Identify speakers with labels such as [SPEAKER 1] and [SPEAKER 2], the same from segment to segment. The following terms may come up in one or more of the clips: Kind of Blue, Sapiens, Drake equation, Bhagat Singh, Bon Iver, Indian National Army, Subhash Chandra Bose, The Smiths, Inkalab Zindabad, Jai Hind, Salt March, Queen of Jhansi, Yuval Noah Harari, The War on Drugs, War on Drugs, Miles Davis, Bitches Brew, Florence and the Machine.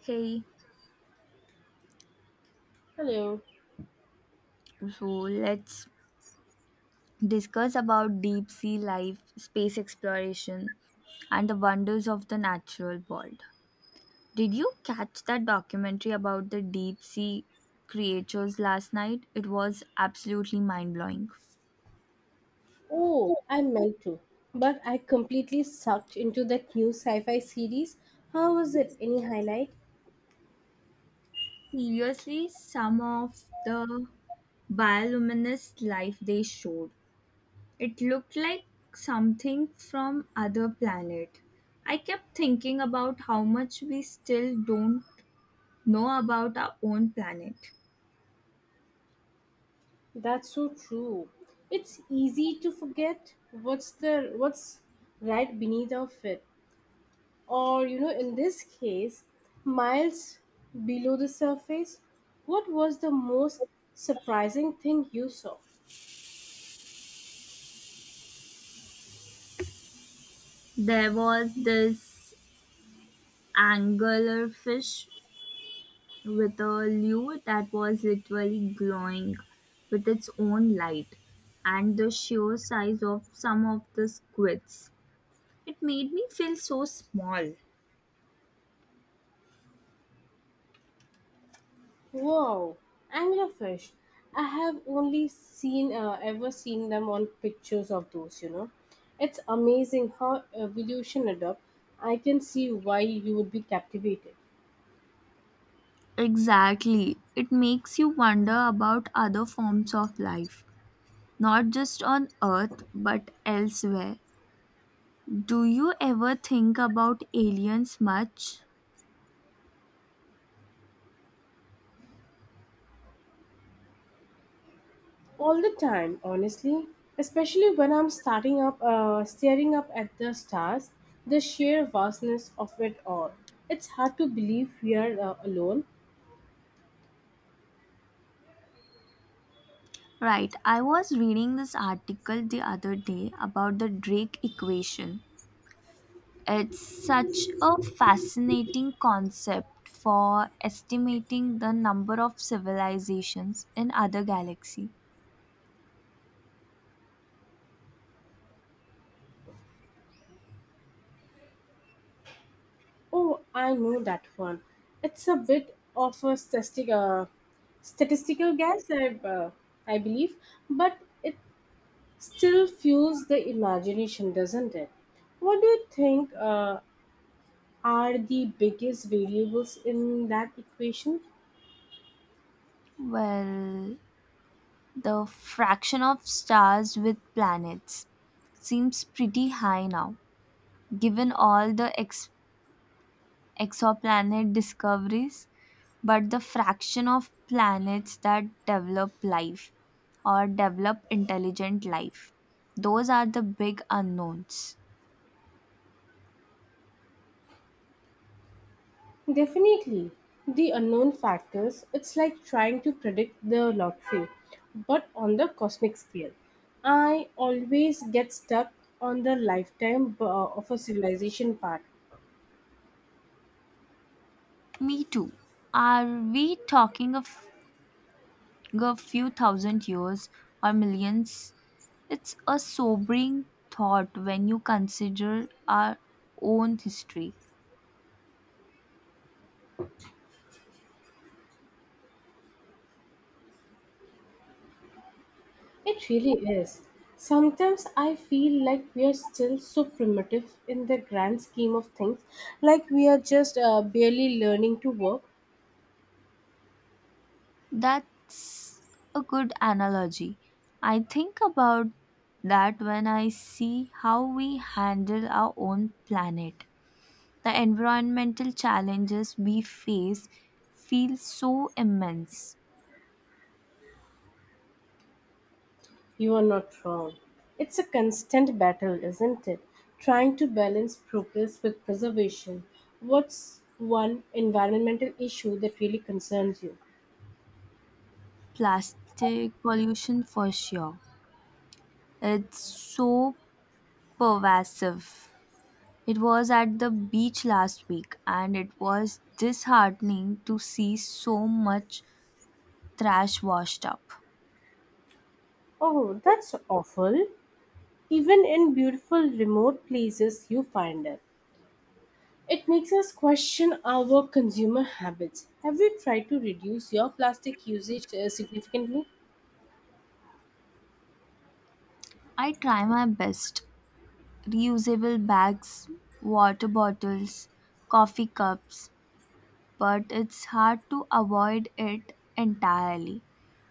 [SPEAKER 1] Hey,
[SPEAKER 2] Hello.
[SPEAKER 1] so let's discuss about deep sea life, space exploration, and the wonders of the natural world. Did you catch that documentary about the deep sea creatures last night? It was absolutely mind blowing.
[SPEAKER 2] Oh, I meant to, but I completely sucked into that new sci-fi series. How was it? Any highlight?
[SPEAKER 1] Seriously, some of the bioluminescent life they showed, it looked like something from other planet. I kept thinking about how much we still don't know about our own planet.
[SPEAKER 2] That's so true. It's easy to forget what's right beneath of it. Or in this case, miles below the surface, what was the most surprising thing you saw?
[SPEAKER 1] There was this anglerfish with a lure that was literally glowing with its own light, and the sheer size of some of the squids. It made me feel so small.
[SPEAKER 2] Wow, anglerfish! I have only seen ever seen them on pictures of those. It's amazing how evolution adapt. I can see why you would be captivated
[SPEAKER 1] Exactly. It makes you wonder about other forms of life, not just on Earth but elsewhere. Do you ever think about aliens much?
[SPEAKER 2] all the time. Honestly, especially when I'm staring up at the stars, the sheer vastness of it all. It's hard to believe we are alone.
[SPEAKER 1] Right, I was reading this article the other day about the Drake equation. It's such a fascinating concept for estimating the number of civilizations in other galaxies.
[SPEAKER 2] Oh, I know that one. It's a bit of a statistical guess, I, uh, I believe, but it still fuels the imagination, doesn't it? What do you think are the biggest variables in that equation?
[SPEAKER 1] Well, the fraction of stars with planets seems pretty high now, given all the ex. Exoplanet discoveries, but the fraction of planets that develop life or develop intelligent life. Those are the big unknowns.
[SPEAKER 2] Definitely, the unknown factors. It's like trying to predict the lottery, but on the cosmic scale. I always get stuck on the lifetime of a civilization part.
[SPEAKER 1] Me too. Are we talking of a few thousand years or millions? It's a sobering thought when you consider our own history.
[SPEAKER 2] It really is. Sometimes I feel like we are still so primitive in the grand scheme of things, like we are just barely learning to work.
[SPEAKER 1] That's a good analogy. I think about that when I see how we handle our own planet. The environmental challenges we face feel so immense.
[SPEAKER 2] You are not wrong. It's a constant battle, isn't it? Trying to balance progress with preservation. What's one environmental issue that really concerns you?
[SPEAKER 1] Plastic pollution, for sure. It's so pervasive. It was at the beach last week, and it was disheartening to see so much trash washed up.
[SPEAKER 2] Oh, that's awful. Even in beautiful remote places, you find it. It makes us question our consumer habits. Have you tried to reduce your plastic usage significantly?
[SPEAKER 1] I try my best reusable bags, water bottles, coffee cups, but it's hard to avoid it entirely.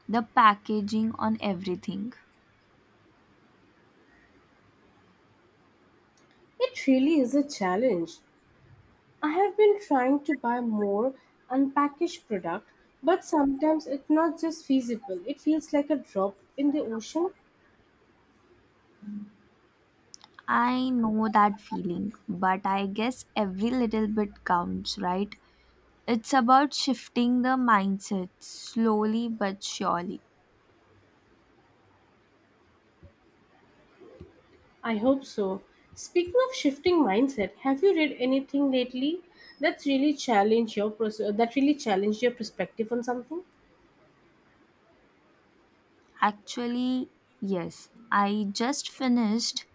[SPEAKER 1] The packaging on everything.
[SPEAKER 2] It really is a challenge. I have been trying to buy more unpackaged product, but sometimes it's not just feasible. It feels like a drop in the ocean.
[SPEAKER 1] I know that feeling, but I guess every little bit counts, right? It's about shifting the mindset slowly but surely.
[SPEAKER 2] I hope so. Speaking of shifting mindset, have you read anything lately that's really challenged your perspective on something?
[SPEAKER 1] Actually, yes, I just finished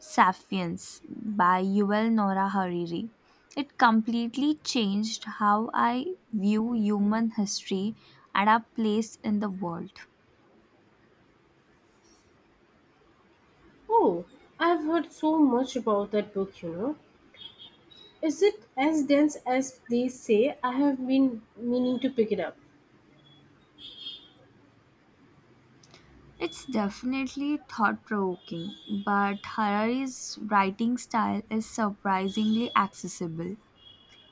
[SPEAKER 1] Sapiens by Yuval Noah Hariri. It completely changed how I view human history and our place in the world.
[SPEAKER 2] Oh, I've heard so much about that book. Is it as dense as they say? I have been meaning to pick it up.
[SPEAKER 1] It's definitely thought provoking, but Harari's writing style is surprisingly accessible.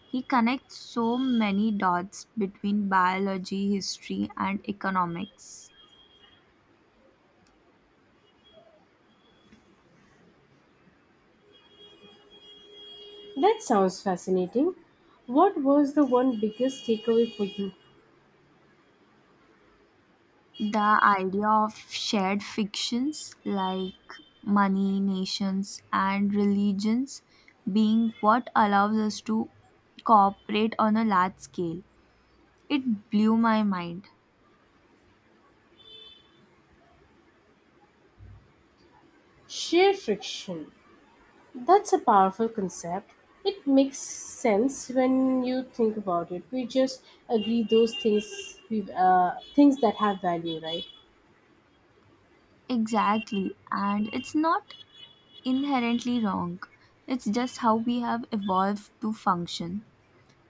[SPEAKER 1] He connects so many dots between biology, history, and economics.
[SPEAKER 2] That sounds fascinating. What was the one biggest takeaway for you?
[SPEAKER 1] The idea of shared fictions like money, nations, and religions being what allows us to cooperate on a large scale. It blew my mind.
[SPEAKER 2] Shear friction. That's a powerful concept. It makes sense when you think about it. We just agree those things that have value, right?
[SPEAKER 1] Exactly, and it's not inherently wrong. It's just how we have evolved to function.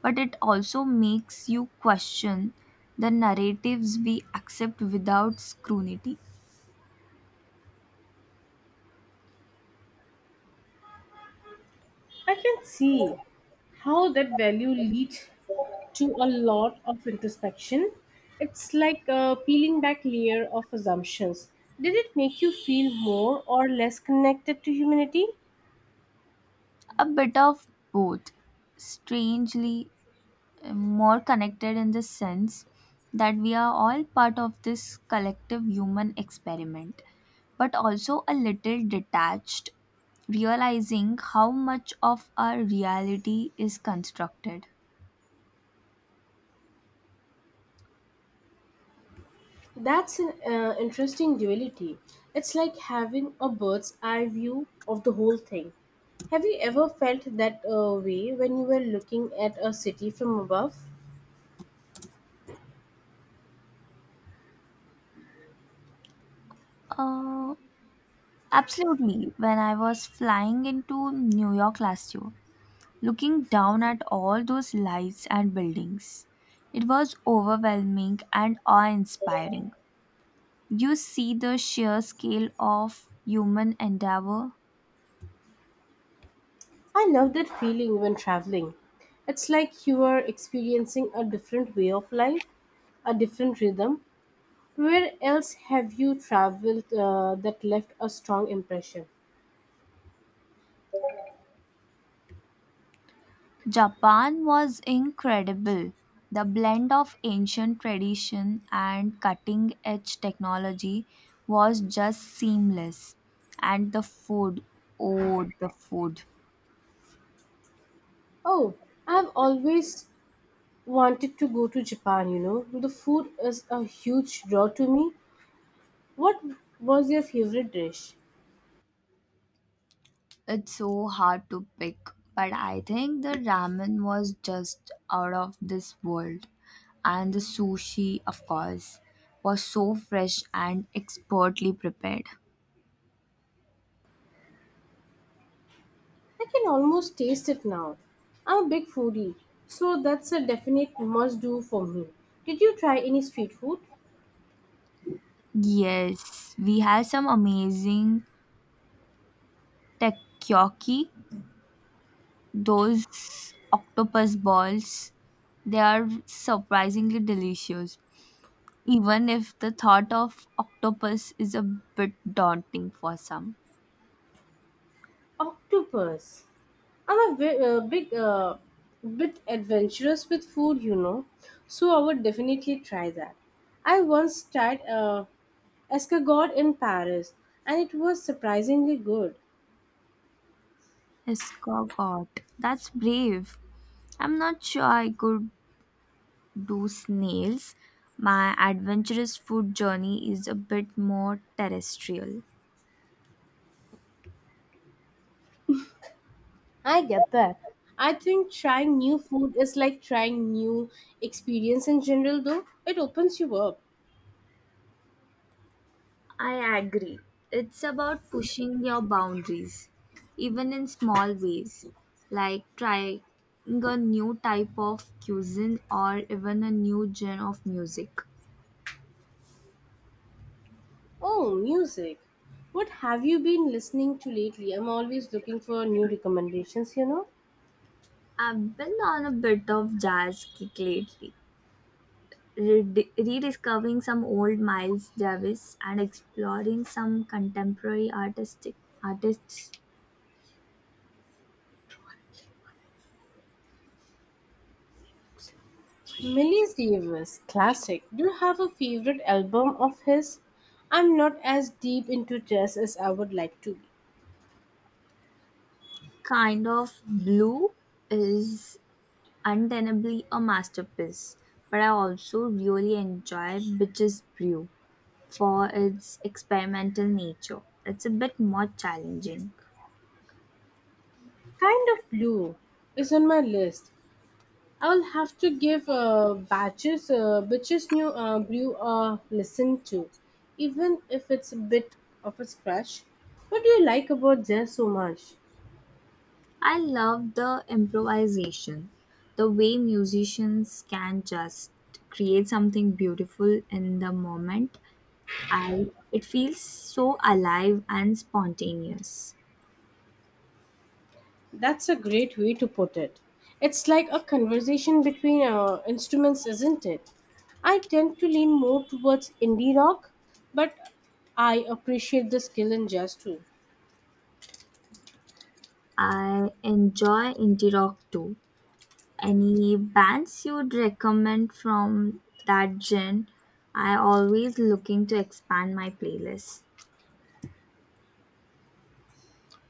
[SPEAKER 1] But it also makes you question the narratives we accept without scrutiny.
[SPEAKER 2] I can see how that value leads to a lot of introspection. It's like a peeling back layer of assumptions. Did it make you feel more or less connected to humanity?
[SPEAKER 1] A bit of both, strangely. More connected in the sense that we are all part of this collective human experiment, but also a little detached, realizing how much of our reality is constructed.
[SPEAKER 2] That's an interesting duality. It's like having a bird's eye view of the whole thing. Have you ever felt that way when you were looking at a city from above?
[SPEAKER 1] Uh, Absolutely. When I was flying into New York last year, looking down at all those lights and buildings, it was overwhelming and awe inspiring. You see the sheer scale of human endeavor.
[SPEAKER 2] I love that feeling when traveling. It's like you are experiencing a different way of life, a different rhythm. Where else have you traveled that left a strong impression?
[SPEAKER 1] Japan was incredible. The blend of ancient tradition and cutting edge technology was just seamless. And the food, oh, the food.
[SPEAKER 2] Oh, I've always wanted to go to Japan. The food is a huge draw to me. What was your favorite dish?
[SPEAKER 1] It's so hard to pick, but I think the ramen was just out of this world. And the sushi, of course, was so fresh and expertly prepared.
[SPEAKER 2] I can almost taste it now. I'm a big foodie, so that's a definite must do for me. Did you try any street food?
[SPEAKER 1] Yes, we had some amazing takoyaki. Those octopus balls, they are surprisingly delicious, even if the thought of octopus is a bit daunting for some.
[SPEAKER 2] Octopus. I'm a bit adventurous with food, so I would definitely try that. I once tried escargot in Paris, and it was surprisingly good.
[SPEAKER 1] Escargot. That's brave. I'm not sure I could do snails. My adventurous food journey is a bit more terrestrial.
[SPEAKER 2] I get that. I think trying new food is like trying new experience in general, though. It opens you up.
[SPEAKER 1] I agree. It's about pushing your boundaries, even in small ways, like trying a new type of cuisine or even a new genre of music.
[SPEAKER 2] Oh, music. What have you been listening to lately? I'm always looking for new recommendations.
[SPEAKER 1] I've been on a bit of jazz kick lately, rediscovering some old Miles Davis and exploring some contemporary artistic artists.
[SPEAKER 2] Millie Davis classic. Do you have a favorite album of his? I'm not as deep into jazz as I would like to be.
[SPEAKER 1] Kind of Blue is untenably a masterpiece, but I also really enjoy Bitches Brew for its experimental nature. It's a bit more challenging.
[SPEAKER 2] Kind of Blue is on my list. I will have to give Bitches New Brew a listen to, even if it's a bit of a scratch. What do you like about jazz so much?
[SPEAKER 1] I love the improvisation, the way musicians can just create something beautiful in the moment. I It feels so alive and spontaneous.
[SPEAKER 2] That's a great way to put it. It's like a conversation between instruments, isn't it? I tend to lean more towards indie rock, but I appreciate the skill in jazz too.
[SPEAKER 1] I enjoy indie rock too. Any bands you'd recommend from that gen? I always looking to expand my playlist.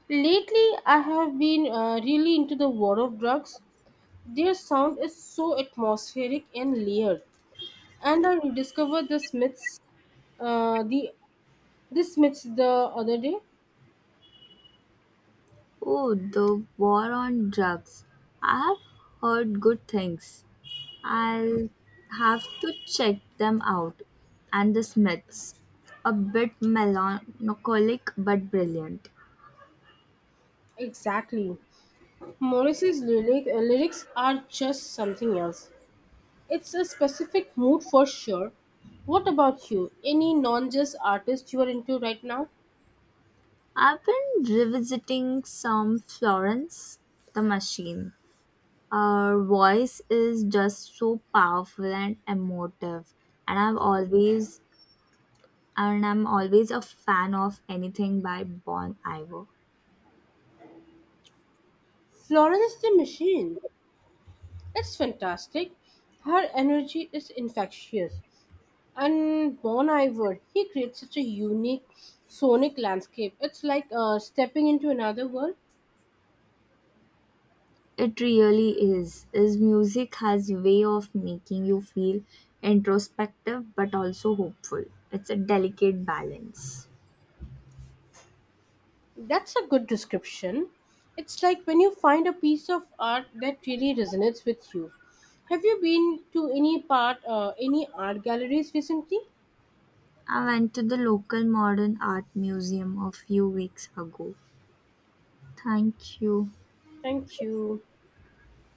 [SPEAKER 2] Lately, I have been really into the War of Drugs. Their sound is so atmospheric and layered. And I rediscovered the uh, the Smiths the other day.
[SPEAKER 1] Oh, the war on drugs. I have heard good things. I'll have to check them out. And the Smiths. A bit melancholic but brilliant.
[SPEAKER 2] Exactly, Morris's lyrics are just something else. It's a specific mood for sure. What about you? Any non jazz artist you are into right now?
[SPEAKER 1] I've been revisiting some Florence the Machine. Her voice is just so powerful and emotive, and I'm always a fan of anything by Bon Iver.
[SPEAKER 2] Florence the Machine. It's fantastic. Her energy is infectious. And Bon Iver, he creates such a unique sonic landscape. It's like stepping into another world.
[SPEAKER 1] It really is. His music has way of making you feel introspective but also hopeful. It's a delicate balance.
[SPEAKER 2] That's a good description. It's like when you find a piece of art that really resonates with you. Have you been to any art galleries recently?
[SPEAKER 1] I went to the local modern art museum a few weeks ago. Thank you.
[SPEAKER 2] Thank you.